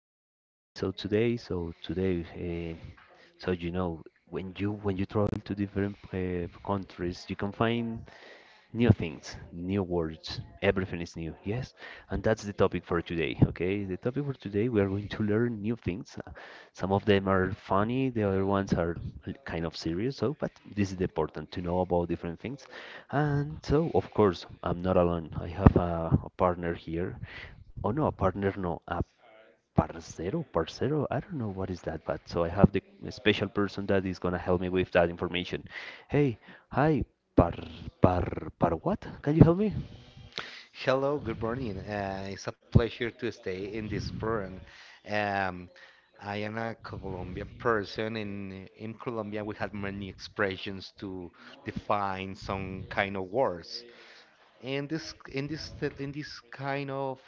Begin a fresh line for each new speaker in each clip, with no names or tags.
a new episode today. So today, so you know, when you travel to different countries, you can find new things, new words, everything is new. Yes, and that's the topic for today. Okay, the topic for today we are going to learn new things. Some of them are funny, the other ones are kind of serious. So, but this is important to know about different things. And so, of course, I'm not alone. I have a partner here. Oh no, a partner, no, a parcero, parcero, I don't know what is that, but so I have the special person that is gonna help me with that information. Hey, hi, par, par, what? Can you help me?
Hello, good morning. It's a pleasure to stay in this program. Um, I am a Colombian person. In Colombia we have many expressions to define some kind of words. In this in this in this kind of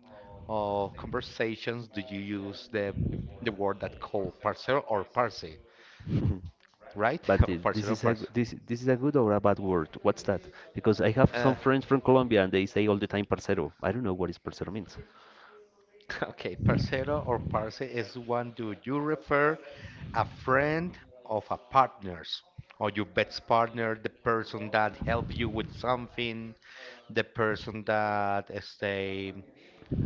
conversations, do you use the word that called parcero or parce, right? Or
But
parcero or
this is
parce?
a this is a good or a bad word? What's that? Because I have some friends from Colombia and they say all the time parcero. I don't know what is parcero means.
Okay, parcero or parce is one do you refer a friend of a partner's or your best partner, the person that helped you with something, the person that say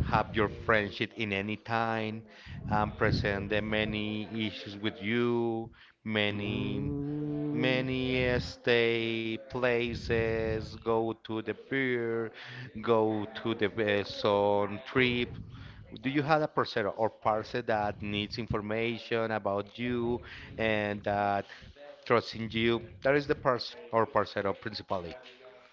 have your friendship in any time and present the many issues with you, many
Mm.
Many stay places, go to the pier, go to the sun trip. Do you have a person or person that needs information about you and that trusts in you? That is the person or person principally.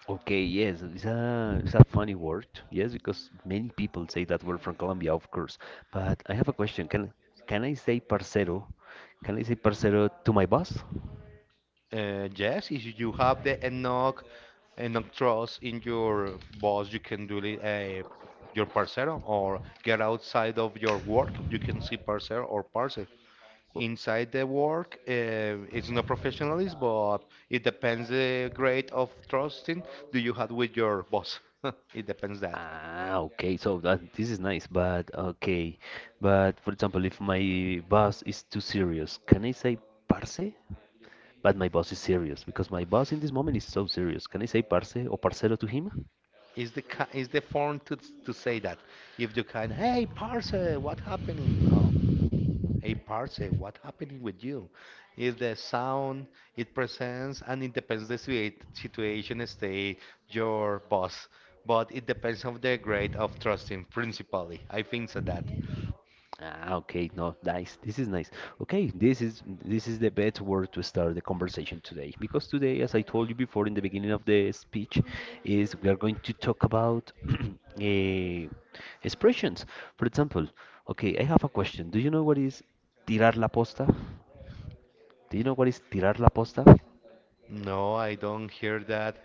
Okay, yes, it's a funny word. Yes, because many people say that word from Colombia, of course. But I have a question. Can I say parcero? Can I say parcero to my boss?
Yes, if you have the enough trust in your boss, you can do it. Your parcero or get outside of your work you can see parcero or parcel inside the work, it's not professionalism, but it depends the grade of trusting do you have with your boss. It depends that
Ah, okay. So that this is nice, but okay. But for example, if my boss is too serious, can I say parce? But my boss is serious because my boss in this moment is so serious. Can I say parce or parcero to him?
is the is the form to say that if you can, hey parce, what happening? No, hey parce, what happening with you? Is the sound it presents, and it depends the situation state your boss, but it depends on the grade of trusting principally, I think so that.
Ah, okay, no, nice. This is nice. Okay, this is the best word to start the conversation today because today, as I told you before in the beginning of the speech, is we are going to talk about eh, expressions. For example, okay, I have a question. Do you know what is tirar la posta? Do you know what is tirar la posta?
No, I don't hear that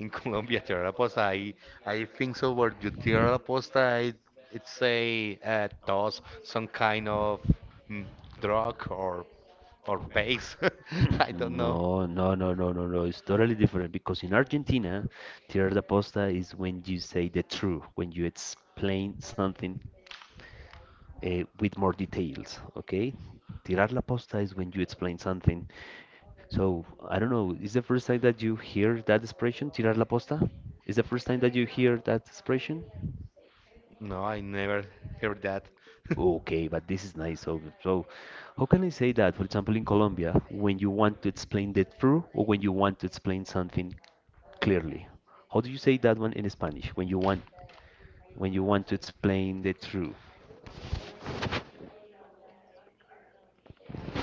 in Colombia. Tierra posta. I think so. Where you tierra posta, I, it's a does some kind of mm, drug or paste. I don't know.
No, no, no, no, no, no. It's totally different because in Argentina, tirar la posta is when you say the truth, when you explain something with more details, okay? Tirar la posta is when you explain something. So, I don't know, is the first time that you hear that expression, tirar la posta? Is the first time that you hear that expression?
No, I never heard that.
Okay, but this is nice. So, how can I say that? For example, in Colombia, when you want to explain the truth or when you want to explain something clearly, how do you say that one in Spanish? When you want to explain the truth,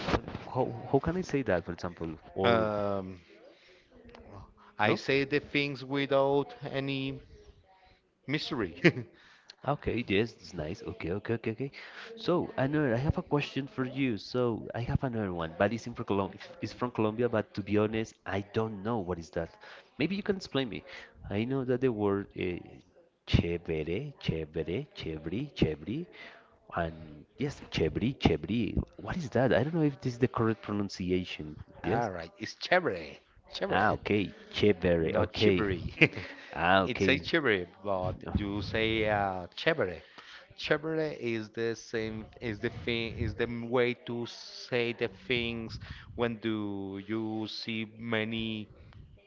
what, how can I say that? For example, or
Um, I
no?
say the things without any mystery.
Okay, yes, it's nice. Okay, okay, okay, okay. So, another, I have a question for you. So, I have another one, but it's in from Colombia. It's from Colombia, but to be honest, I don't know what is that. Maybe you can explain me. I know that the word chévere, chévere, chévere, chévere, and yes, chévere, chévere. What is that? I don't know if this is the correct pronunciation.
All
Yes?
right, it's chévere, chévere.
Ah, okay, chévere.
Not
Okay.
chivery.
Ah,
It's a
okay.
chivery, but you say chevere. Chevere is the same, is the thing, is the way to say the things when do you see many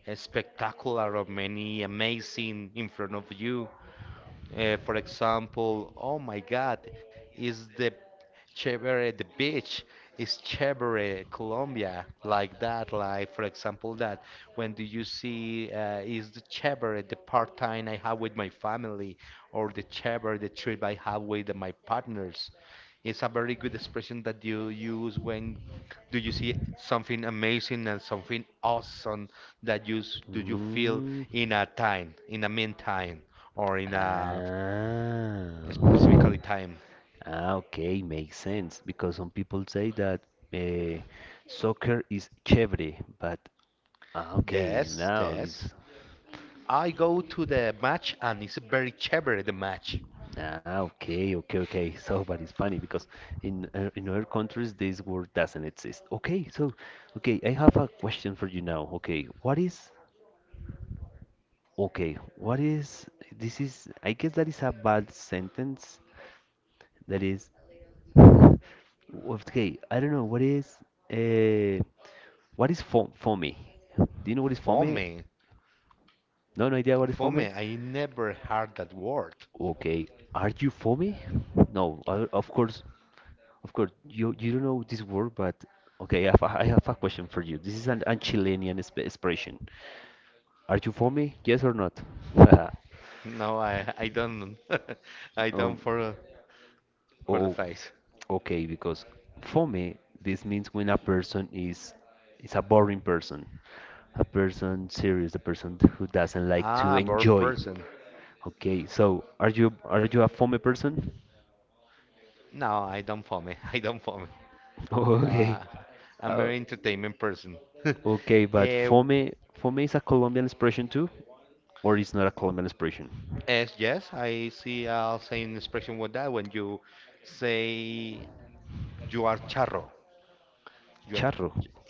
spectacular or many amazing in front of you. For example, oh my God, is the Chévere, the beach is chévere, Colombia, like that, like for example that when do you see is the chévere the part time I have with my family or the chévere the trip I have with my partners? It's a very good expression that you use when do you see something amazing and something awesome that you do you feel
Mm.
in a time, in a meantime, or in
Ah.
a specifically time?
Ah, okay, makes sense. Because some people say that uh, soccer is chévere, but ah, okay,
Yes,
now
yes.
it's
I go to the match and it's very clever the match.
ah, okay, okay, okay. So, but it's funny because in other countries this word doesn't exist. Okay, so okay, I have a question for you now. Okay, what is this is I guess that is a bad sentence. That is okay, I don't know uh what is fo foamy? Do you know what is foamy?
Fome.
No, no idea what is foamy?
Fome, I never heard that word.
Okay, are you foamy? No, of course, of course. You don't know this word, but okay, I have I have a question for you. This is an Chilean expression. Are you foamy? Yes or not?
No, I don't I don't
Um,
for the
oh,
face.
okay, because for me, this means when a person is a boring person, a person serious, a person who doesn't like to
Ah, bored
enjoy.
person.
Okay, so are you a FOME person?
No, I don't fome. I don't fome.
Okay.
Uh, I'm
Uh,
very entertainment person.
okay, but
Eh,
FOME is a Colombian expression too, or it's not a Colombian expression?
Yes, yes, I see I a same expression with that when you say you are charro. You
Charro.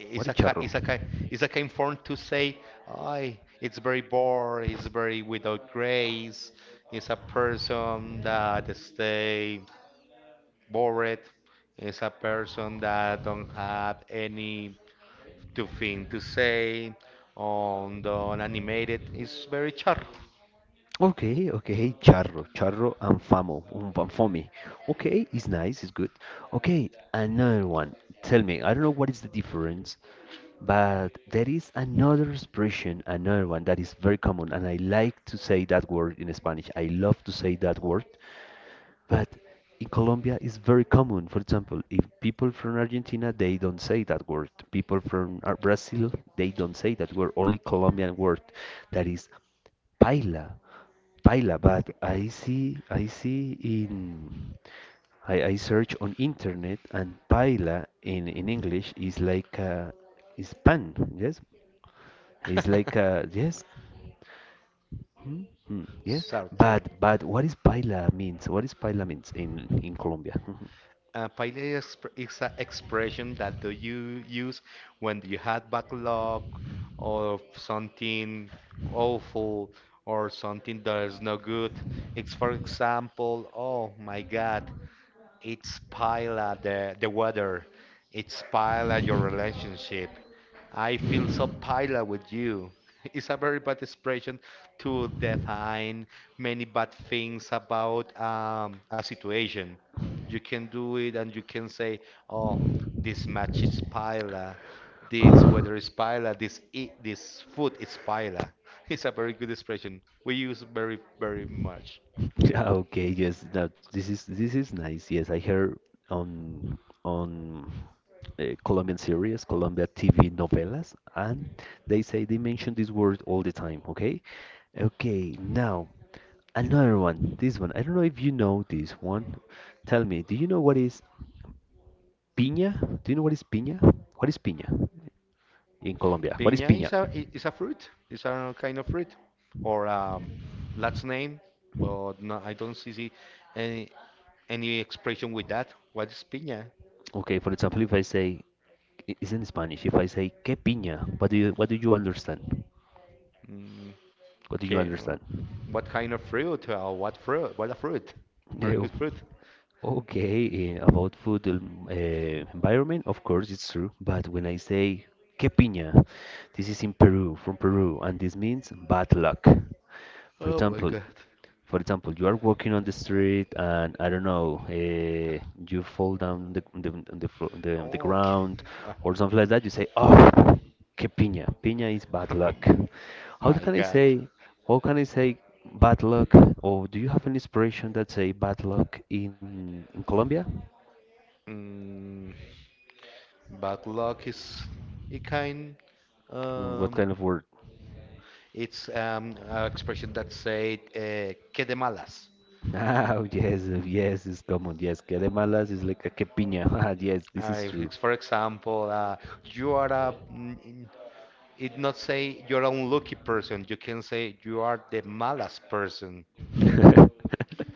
What is charro?
Isaka Isaka informed to say, "I it's very bored. It's very without grace. It's a person that stay bored. It's a person that don't have any to thing to say on the animated. It's very char."
Okay, okay, hey, charro, charro and famo, and fomi. Okay, it's nice, it's good. Okay, another one. Tell me, I don't know what is the difference, but there is another expression, another one that is very common, and I like to say that word in Spanish. I love to say that word, but in Colombia it's very common. For example, if people from Argentina, they don't say that word. People from Brazil, they don't say that word. Only Colombian word, that is paila. Paila, but I see I search on internet and paila in English is like is pan, yes? It's like yes, hmm, hmm, yes.
Certain.
But what is paila means? What is paila means in Colombia?
Failure exp is an expression that do you use when you had backlog or something awful or something that is no good. It's for example, oh my God, it's pile at the weather. It's pile at your relationship. I feel so pile with you. It's a very bad expression to define many bad things about a situation. You can do it and you can say, oh, this match is pile. This weather is pile. This eat, this food is pile. It's a very good expression. We use very much.
Yeah, okay, yes. That this is nice. Yes, I heard on on Colombian series, Colombia TV novelas, and they mention this word all the time. Okay, okay. Now another one. This one. I don't know if you know this one. Tell me, do you know what is piña? Do you know what is piña? What is piña in Colombia? What is
Piña
piña?
is a is a fruit. It's a kind of fruit, or last name. But no, I don't see any any expression with that. What is piña?
Okay, for example, if I say if I say qué piña, what do you understand?
Mm,
What do you
okay,
understand?
what kind of fruit? What fruit? What a fruit? Very
No.
good fruit.
Okay, eh, about food eh, environment, of course it's true, but when I say que piña, this is in Peru, from Peru, and this means bad luck. For
Oh my
example,
God.
for example, you are walking on the street and I don't know, you fall down the on on the
Okay.
ground or something like that. You say, "Oh, que piña! Piña is bad luck." How
My
can I
God.
say? How can I say bad luck? Or do you have an inspiration that say bad luck in Colombia?
Mm, Bad luck is a kind.
Mm, what
Um,
kind of word?
It's an expression that said que de malas.
Ah, yes, yes, it's common. Yes, que de malas is like a que piña. Ah, yes, this is
If
true.
it's, for example, you are a. It not say you're an unlucky person. You can say you are the malas person.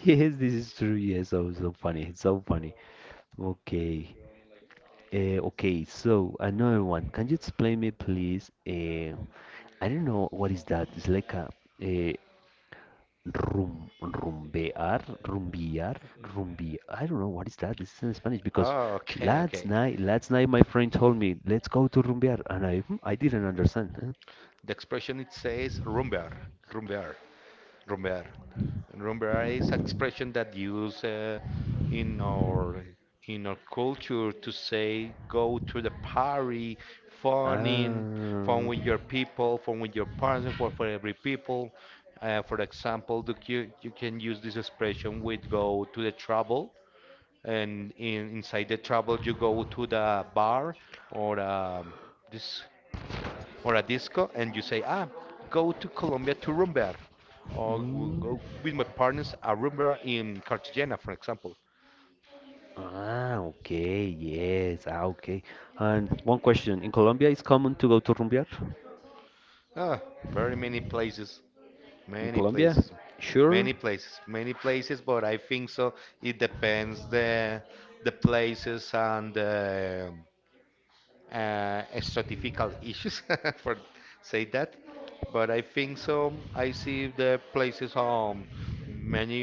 Yes, this is true. Yes, oh, so funny. It's so funny. Okay. Okay, so another one. Can you explain me, please? I don't know what is that. It's like uh, rumbear, rumbi. I don't know what is that. This is in Spanish because
Oh, okay, okay.
last night my friend told me, let's go to rumbear, and I, hmm, I didn't understand. Huh?
The expression it says rumbear, rumbear. Remember is expression that use in our in our culture to say go to the party, fun in, fun
Ah,
with your people, fun with your partner, for every people. For example, do you you can use this expression with go to the travel and in, inside the travel you go to the bar or this or a disco and you say ah go to Colombia to rumbar or "We'll go
mm,
with my partners a rumbar in Cartagena for example.
ah, okay, yes, ah, okay. And one question, in Colombia, it's common to go to rumbear?
Ah, very many places
In
many
Colombia?
places
Sure.
many places many places, but I think so it depends the places and the stratifical issues for say that. But I think so. I see the places many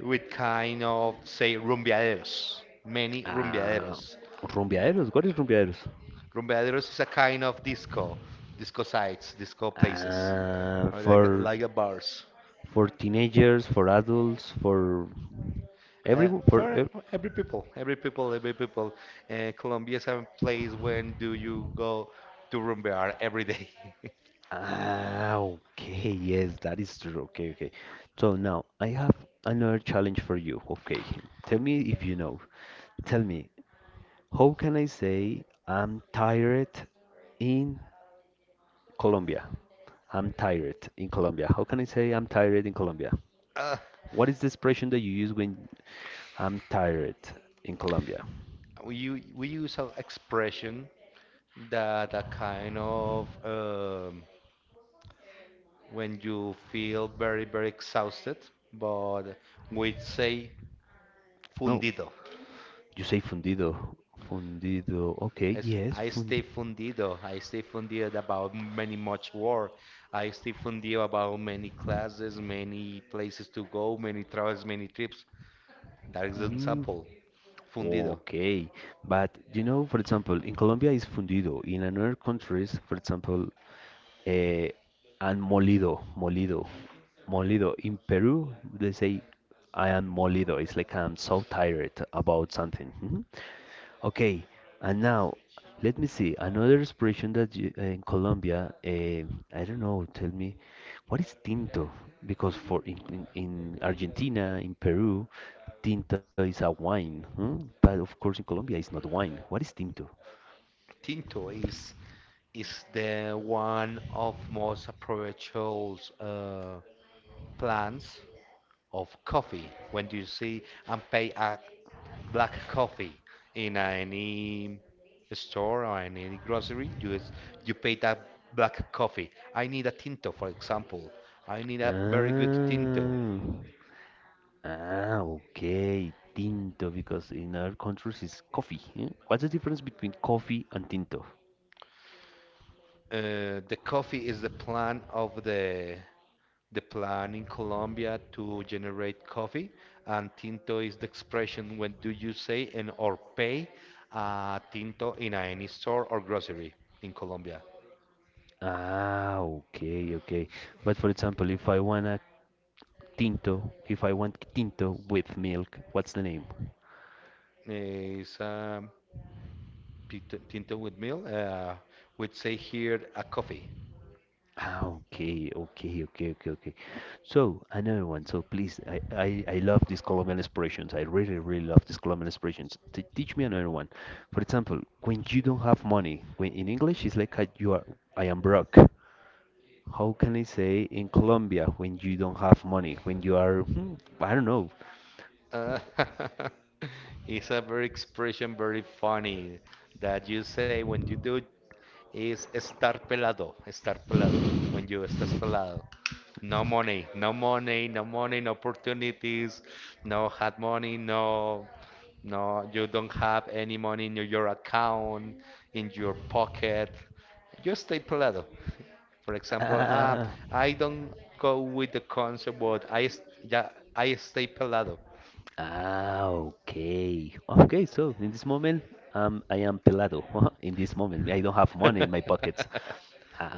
with kind of say rumbiaderos, many
Uh,
rumbiaderos.
rumbiaeros? What is rumbiaeros?
Rumbiaderos is a kind of disco, disco sites, disco places,
Uh,
or
for
like a bars.
for teenagers, for adults, for everyone, for
For for every people, every people. Colombia is a place when do you go to rumbear every day?
Ah, okay, yes, that is true. Okay, okay. So now I have another challenge for you. Okay, tell me if you know. Tell me, how can I say I'm tired in Colombia? I'm tired in Colombia. How can I say I'm tired in Colombia? What is the expression that you use when I'm tired in Colombia?
We use an expression that a kind of when you feel very exhausted, but we say
No,
fundido.
you say fundido. Fundido. Okay,
As
yes, fund.
I stay fundido about many much work. I stay fundido about many classes, many places to go, many travels, many trips. That is an
Mm,
example. Fundido.
okay, but you know, for example, in Colombia is fundido. In another countries, for example, eh, and molido. In Peru, they say I am molido. It's like I'm so tired about something. Mhm. Okay, and now let me see another expression that you, in Colombia. Eh, I don't know. Tell me, what is tinto? Because for in Argentina, in Peru, tinto is a wine, hmm? But of course, in Colombia, it's not wine. What is tinto?
Tinto is the one of most approachable plants of coffee when you see and pay a black coffee in any store or any grocery you is, you pay that black coffee, I need a tinto for example, I need a very good tinto.
Ah, ah, okay, tinto. Because in other countries, it's coffee. Hmm? What's the difference between coffee and tinto?
The coffee is the plan of the plan in Colombia to generate coffee, and tinto is the expression when do you say and or pay tinto in any store or grocery in Colombia.
Ah, okay, okay. But for example, if I wanna Tinto. If I want tinto with milk, what's the name?
Is tinto with milk. We'd say here a coffee.
Ah, okay, okay, okay, okay, okay. So another one. So please, I love these column expressions. I really, really love these column expressions. T teach me another one. For example, when you don't have money, when in English it's like you are, I am broke. How can I say in Colombia when you don't have money, when you are, hmm, I don't know.
Uh, it's a very expression, very funny that you say when you do it is estar pelado. When you estás pelado, no money, no money, no money, no opportunities, no hard money, no, you don't have any money in your account, in your pocket. You stay pelado. For example,
Uh,
I don't go with the concert, but I yeah, I stay pelado.
Ah, okay. Okay, so in this moment, I am pelado. In this moment, I don't have money in my pockets.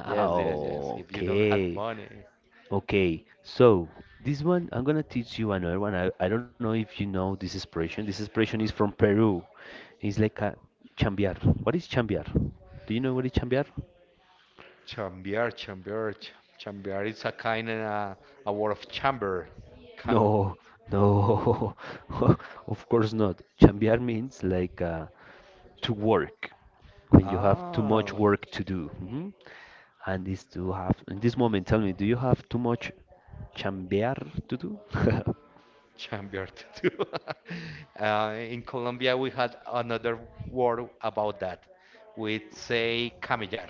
Yes, yes, yes. If you don't have
okay.
money,
Okay, so this one, I'm gonna teach you another one. I don't know if you know this expression. This expression is from Peru. It's like a chambear. What is chambear? Do you know what is chambear?
chambear, chambear, ch- chambear. It's a kind of a word of chamber. Cam
No, no, of course not. Chambear means like to work when you have too much
ah,
work to do. Mhm. And is to have in this moment, tell me, do you have too much chambear to do?
chambear to do. In Colombia, we had another word about that. We say camellar.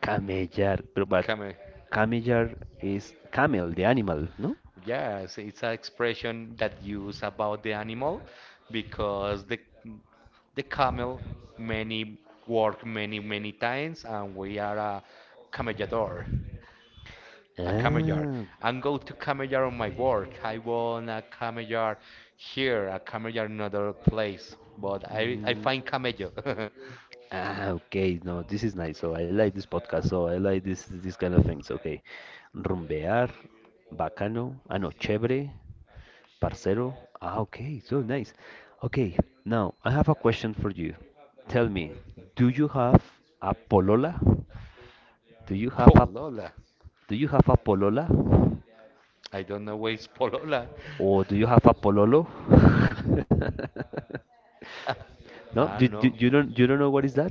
Camellar, pero but
Came
camellar is camel, the animal, no?
Yes, it's an expression that use about the animal because the camel many work many many times and we are a camellador, a camellar.
Ah.
I'm go to camellar on my work. I want a camellar here, a camellar in another place, but I
Mm.
find camello.
Ah, okay. No, this is nice. So I like this podcast. So I like this kind of things. Okay. Rumbear, bacano, ah no, chévere, parcero. Ah, okay. So nice. Okay. Now I have a question for you. Tell me, do you have a polola? Do you have a
Polola.
polola?
I don't know where is Polola.
Or do you have a pololo? No,
Ah, no.
you don't know what is that?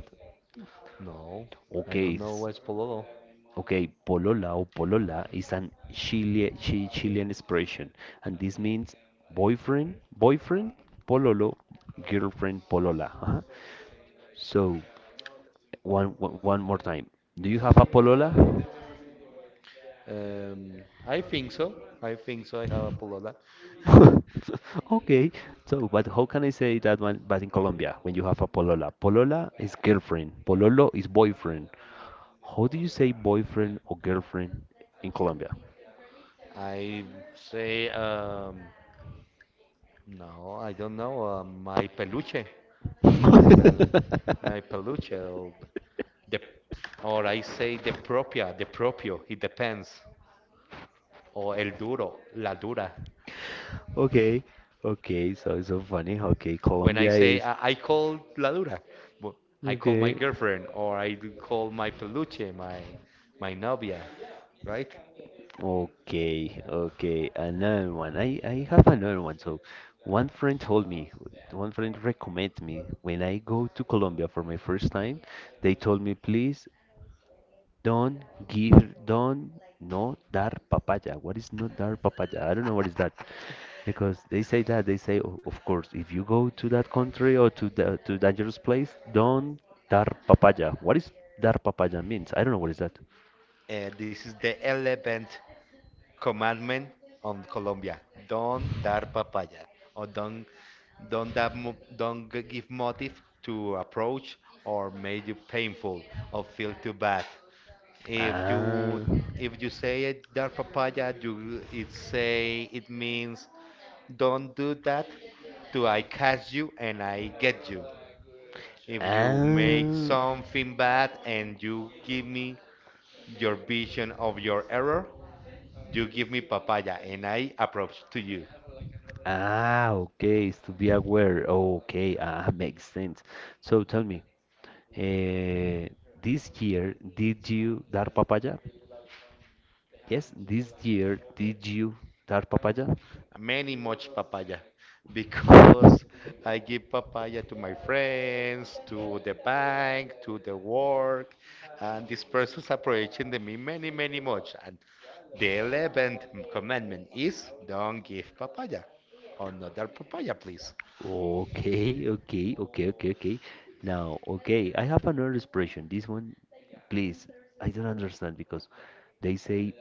No. I
Okay,
don't know where's Polola.
okay, polola or polola is an Chile, Chilean expression, and this means boyfriend, boyfriend, pololo, girlfriend, polola. So one more time. Do you have a polola?
I think so. I think so. I have a pullover.
Okay, so but how can I say that one? But in Colombia, when you have a polola, polola is girlfriend, pololo is boyfriend. How do you say boyfriend or girlfriend in Colombia?
I say, no, I don't know. My peluche, my peluche, or the, or I say the propia, the propio. It depends. Or el duro, la dura.
Okay, okay, so it's so funny. Okay,
When I
Colombia
say
is
I call la dura, w- I call my
okay,
girlfriend, or I do call my peluche, my novia, right?
okay, okay. Another one. I have another one. So, one friend told me, one friend recommended me when I go to Colombia for my first time. They told me, please, don't give, don't no dar papaya. What is no dar papaya? I don't know what is that because they say that they say, "O- of course, if you go to that country or to the to dangerous place, don't dar papaya. What is dar papaya means? I don't know what is that.
This is the eleventh commandment on Colombia: don't dar papaya, or don't that don't g- give motive to approach or make you painful or feel too bad. If you
Ah,
if you say it, dar papaya, you it say it means don't do that till I catch you and I get you. If you make
ah,
something bad and you give me your vision of your error, you give me papaya and I approach to you.
ah. Okay, it's to be aware. Okay, ah, makes sense. So tell me, uh, this year did you dar papaya? Yes, this year, did you dar papaya?
Many much papaya because I give papaya to my friends, to the bank, to the work, and these persons approaching the me many, many much. And the eleventh commandment is don't give papaya. Another papaya, please.
Okay, okay, okay, okay, okay. Now, okay, I have another expression. This one, please, I don't understand because they say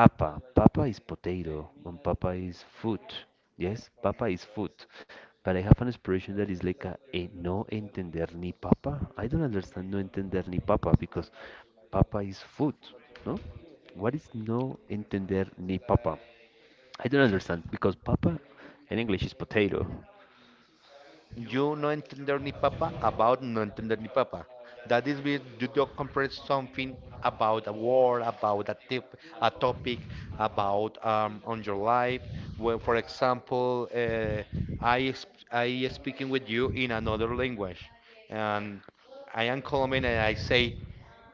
papa. Papa is potato and papa is food. Yes, papa is food. But I have an expression that is like a no entender ni papa. I don't understand no entender ni papa because papa is food, no? What is no entender ni papa? I don't understand because papa in English is potato.
You no entender ni papa about no entender ni papa. That is where you don't comprehend something about a war, about a tip, a topic, about on your life. Well, for example, I speaking with you in another language, and I am Colombian and I say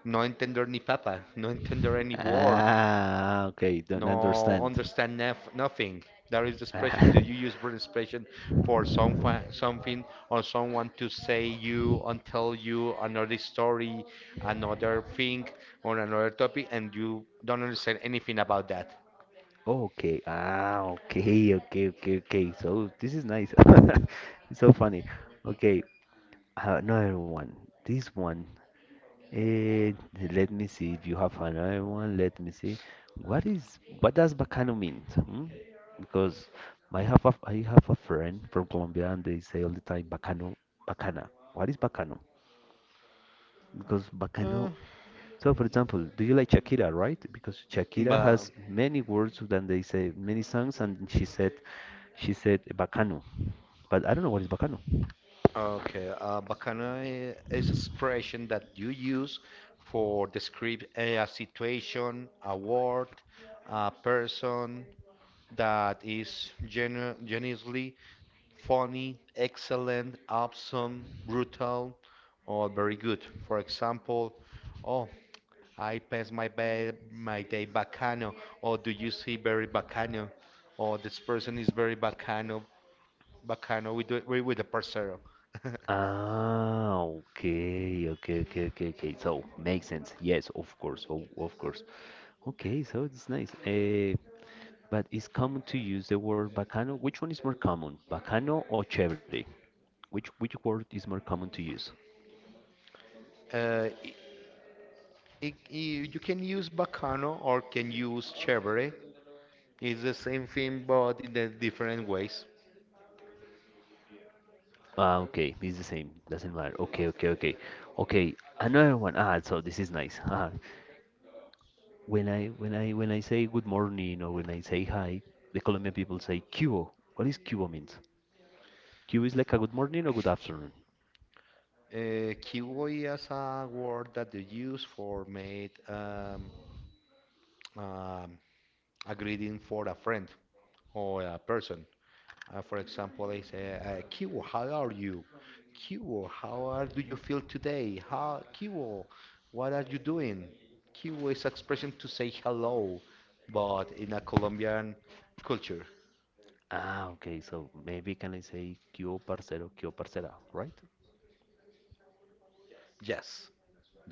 no entender ni papa, no entender any word,
Ah, okay, don't
no
understand.
understand nothing. That is the
Ah,
expression. Do you use word expression for some something or someone to say you and tell you another story, another thing, or another topic, and you don't understand anything about that?
oh, okay. Ah, okay, okay, okay, okay. So this is nice. It's so funny. Okay, I another one. This one. Eh, let me see if you have another one. Let me see. What is what does bacano mean? Hmm? Because I have a friend from Colombia and they say all the time bacano, bacana. What is bacano? Because
Uh,
bacano so, for example, do you like Shakira, right? Because Shakira
but
has many words than they say many songs, and she said bacano, but I don't know what is bacano.
okay, bacana is expression that you use for describe a situation, a word, a person that is genuinely funny, excellent, awesome, brutal, or very good. For example, oh, I pass my day bacano, or do you see very bacano, or this person is very bacano, bacano with the parcero.
Ah, okay, okay, okay, okay, okay. So makes sense. Yes, of course, oh, of course. Okay, so it's nice. But it's common to use the word bacano. Which one is more common, bacano or chévere? Which word is more common to use?
Uh, I I- you can use Bacano or can use Chevrolet. It's the same thing, but in the different ways.
Ah, okay, it's the same. Doesn't matter. Okay, okay, okay, okay. Another one. Ah, so this is nice. Ah, when I say good morning or when I say hi, the Colombian people say cubo. What is cubo means? Cubo is like a good morning or good afternoon.
Kiwi is a word that they use for made. Um, a greeting for a friend or a person. For example, I say, Kiwo, how are you? Kiwo, how are, do you feel today? How, Kiwo, what are you doing? Kiwo is expression to say hello, but in a Colombian culture.
Ah, okay. So maybe can I say cubo parcero, cubo parcera, right?
Yes, that's right.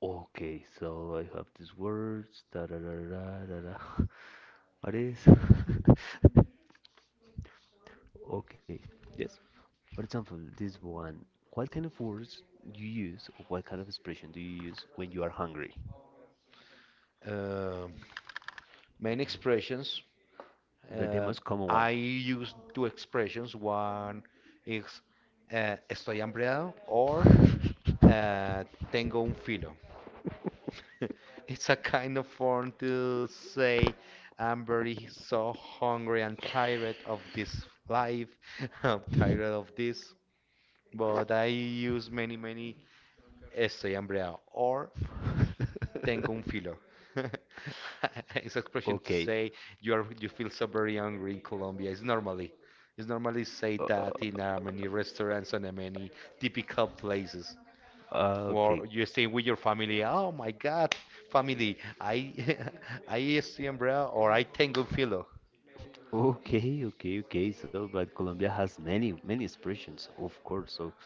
Okay, so I have these words. Da da da da da. Da. What is? Okay, yes. For example, this one, what kind of words you use or what kind of expression do you use when you are hungry?
Um Main expressions.
The
Uh,
most common one.
I use two expressions. One is estoy hambreado or uh, tengo un filo. It's a kind of form to say, I'm very so hungry and tired of this life. I'm tired of this. But I use estoy hambreado or tengo un filo. It's expression to
Okay.
say you are you feel so very hungry in Colombia. It's normally say
Uh,
that in many restaurants and many typical places. Or
okay.
you stay with your family. Oh my God, family! I I use the umbrella or I tango filo.
Okay, okay, okay. So, but Colombia has many, many expressions, of course. So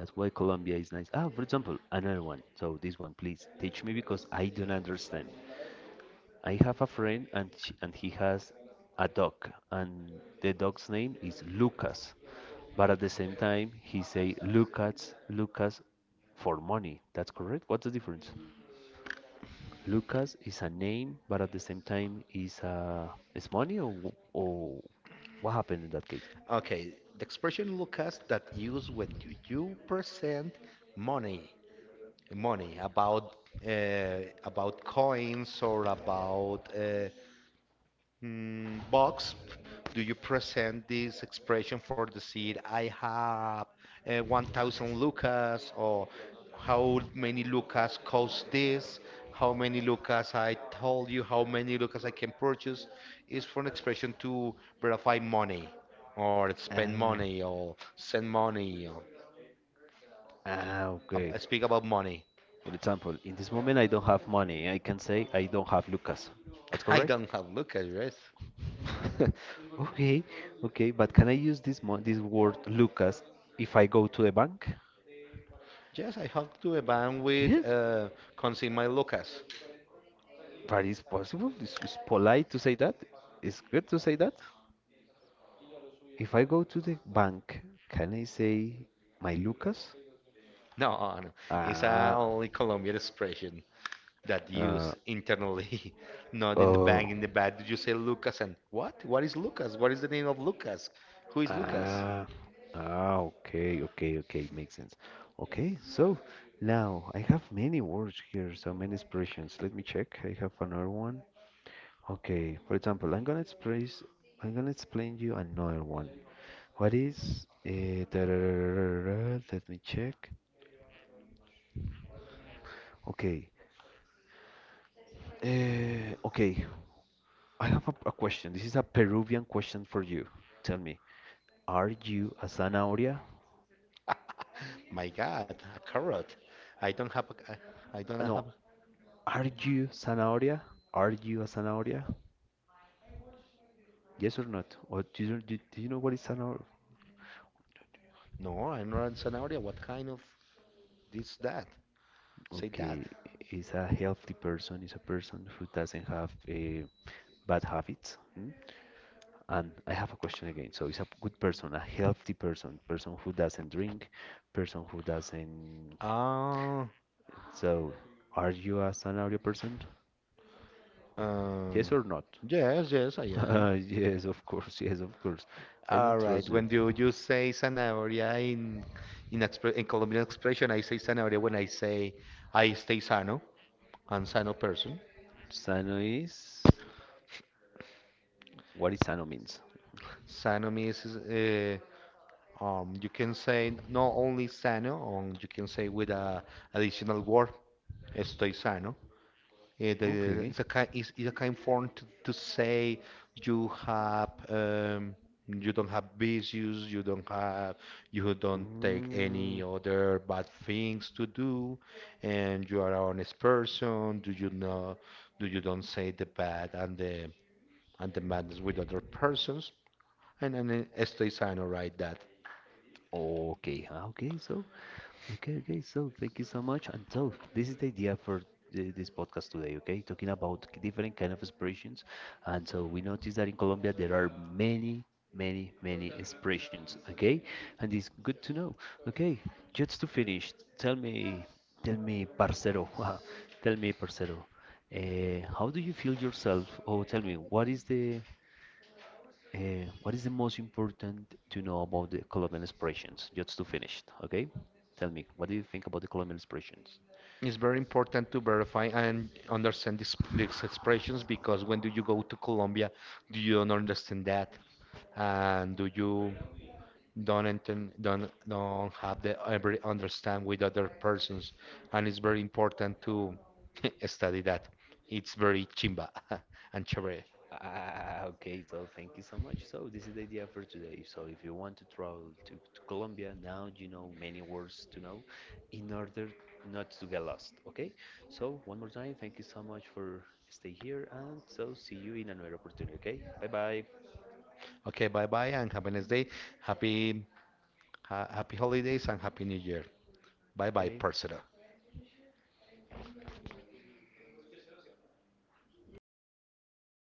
that's why Colombia is nice. Ah, for example, another one. So this one, please teach me because I don't understand. I have a friend and sh and he has a dog and the dog's name is Lucas. But at the same time he say Lucas, Lucas for money. That's correct? What's the difference? Lucas is a name, but at the same time is money or what happened in that case?
Okay, the expression Lucas that used when you present money, money about coins or about box, do you present this expression for the seed? I have 1,000 lucas, or how many lucas cost this? How many lucas I told you? How many lucas I can purchase? Is for an expression to verify money, or spend
Ah,
money, or send money, or
okay.
speak about money.
For example, in this moment I don't have money. I can say I don't have Lucas. That's
I
correct?
don't have lucas, right?
Okay, okay, but can I use this word Lucas if I go to the bank?
Yes, I have to a bank with
Yes,
consign my lucas.
that is possible. It's polite to say that. It's good to say that. If I go to the bank, can I say my Lucas?
No. It's a
Ah,
only Colombian expression that
uh,
used internally, not in the
oh,
bank, in the back. Did you say Lucas and what? What is Lucas? What is the name of Lucas? Who is Lucas?
ah, okay, okay, okay, makes sense. Okay, so now I have many words here, so many expressions. Let me check. I have another one. Okay, for example, I'm gonna explain you another one. What is da-da-da-da-da-da, let me check. Okay. Okay, I have a question. This is a Peruvian question for you. Tell me, are you a zanahoria?
My God, a carrot. I don't have a, I don't have,
No,
A,
are you zanahoria? Are you a zanahoria? Yes or not? Or do you, do you know what is zanahoria?
no, I'm not a scenario. What kind of this, that? Say that.
Okay, is a healthy person, is a person who doesn't have a bad habits. Hmm? And I have a question again. So is a good person, a healthy person, person who doesn't drink, person who doesn't.
Ah,
So are you a scenario person? Yes
um,
or not?
yes, yes, I am.
Yes, of course. Yes, of course. I don't
All right.
trust you.
When you say zanahoria in, expre in Colombian expression, I say zanahoria when I say I stay sano. I'm sano person.
Sano is what is sano means?
Sano means you can say not only sano, you can say with a additional word, estoy sano.
Okay.
It's a kind it's a kind form to say you have you don't have vicious, you don't have you don't take
Mm,
any other bad things to do, and you are an honest person. Do you know? Do you don't say the bad and the madness with other persons? And Stay sign right that.
okay. Ah, okay. So. Okay, okay. So thank you so much. And so this is the idea for this podcast today. Okay, talking about different kind of expressions. And so we noticed that in Colombia there are many, many, many expressions. Okay, and it's good to know. Okay, just to finish, tell me, tell me, parcero, tell me, parcero, how do you feel yourself? Or tell me, what is the most important to know about the Colombian expressions? Just to finish, okay? Tell me, what do you think about the Colombian expressions?
It's very important to verify and understand these expressions because when do you go to Colombia, do you don't understand that? And do you don't enten- don't have the every understand with other persons and it's very important to study that it's very chimba and chévere.
Ah, okay, so thank you so much. So this is the idea for today. So if you want to travel to Colombia, now you know many words to know in order not to get lost, okay? So one more time, thank you so much for stay here and so see you in another opportunity, okay? Bye bye.
Okay, bye bye and have a nice day, happy ha happy holidays and happy new year, bye
Okay,
bye parcera.
señor.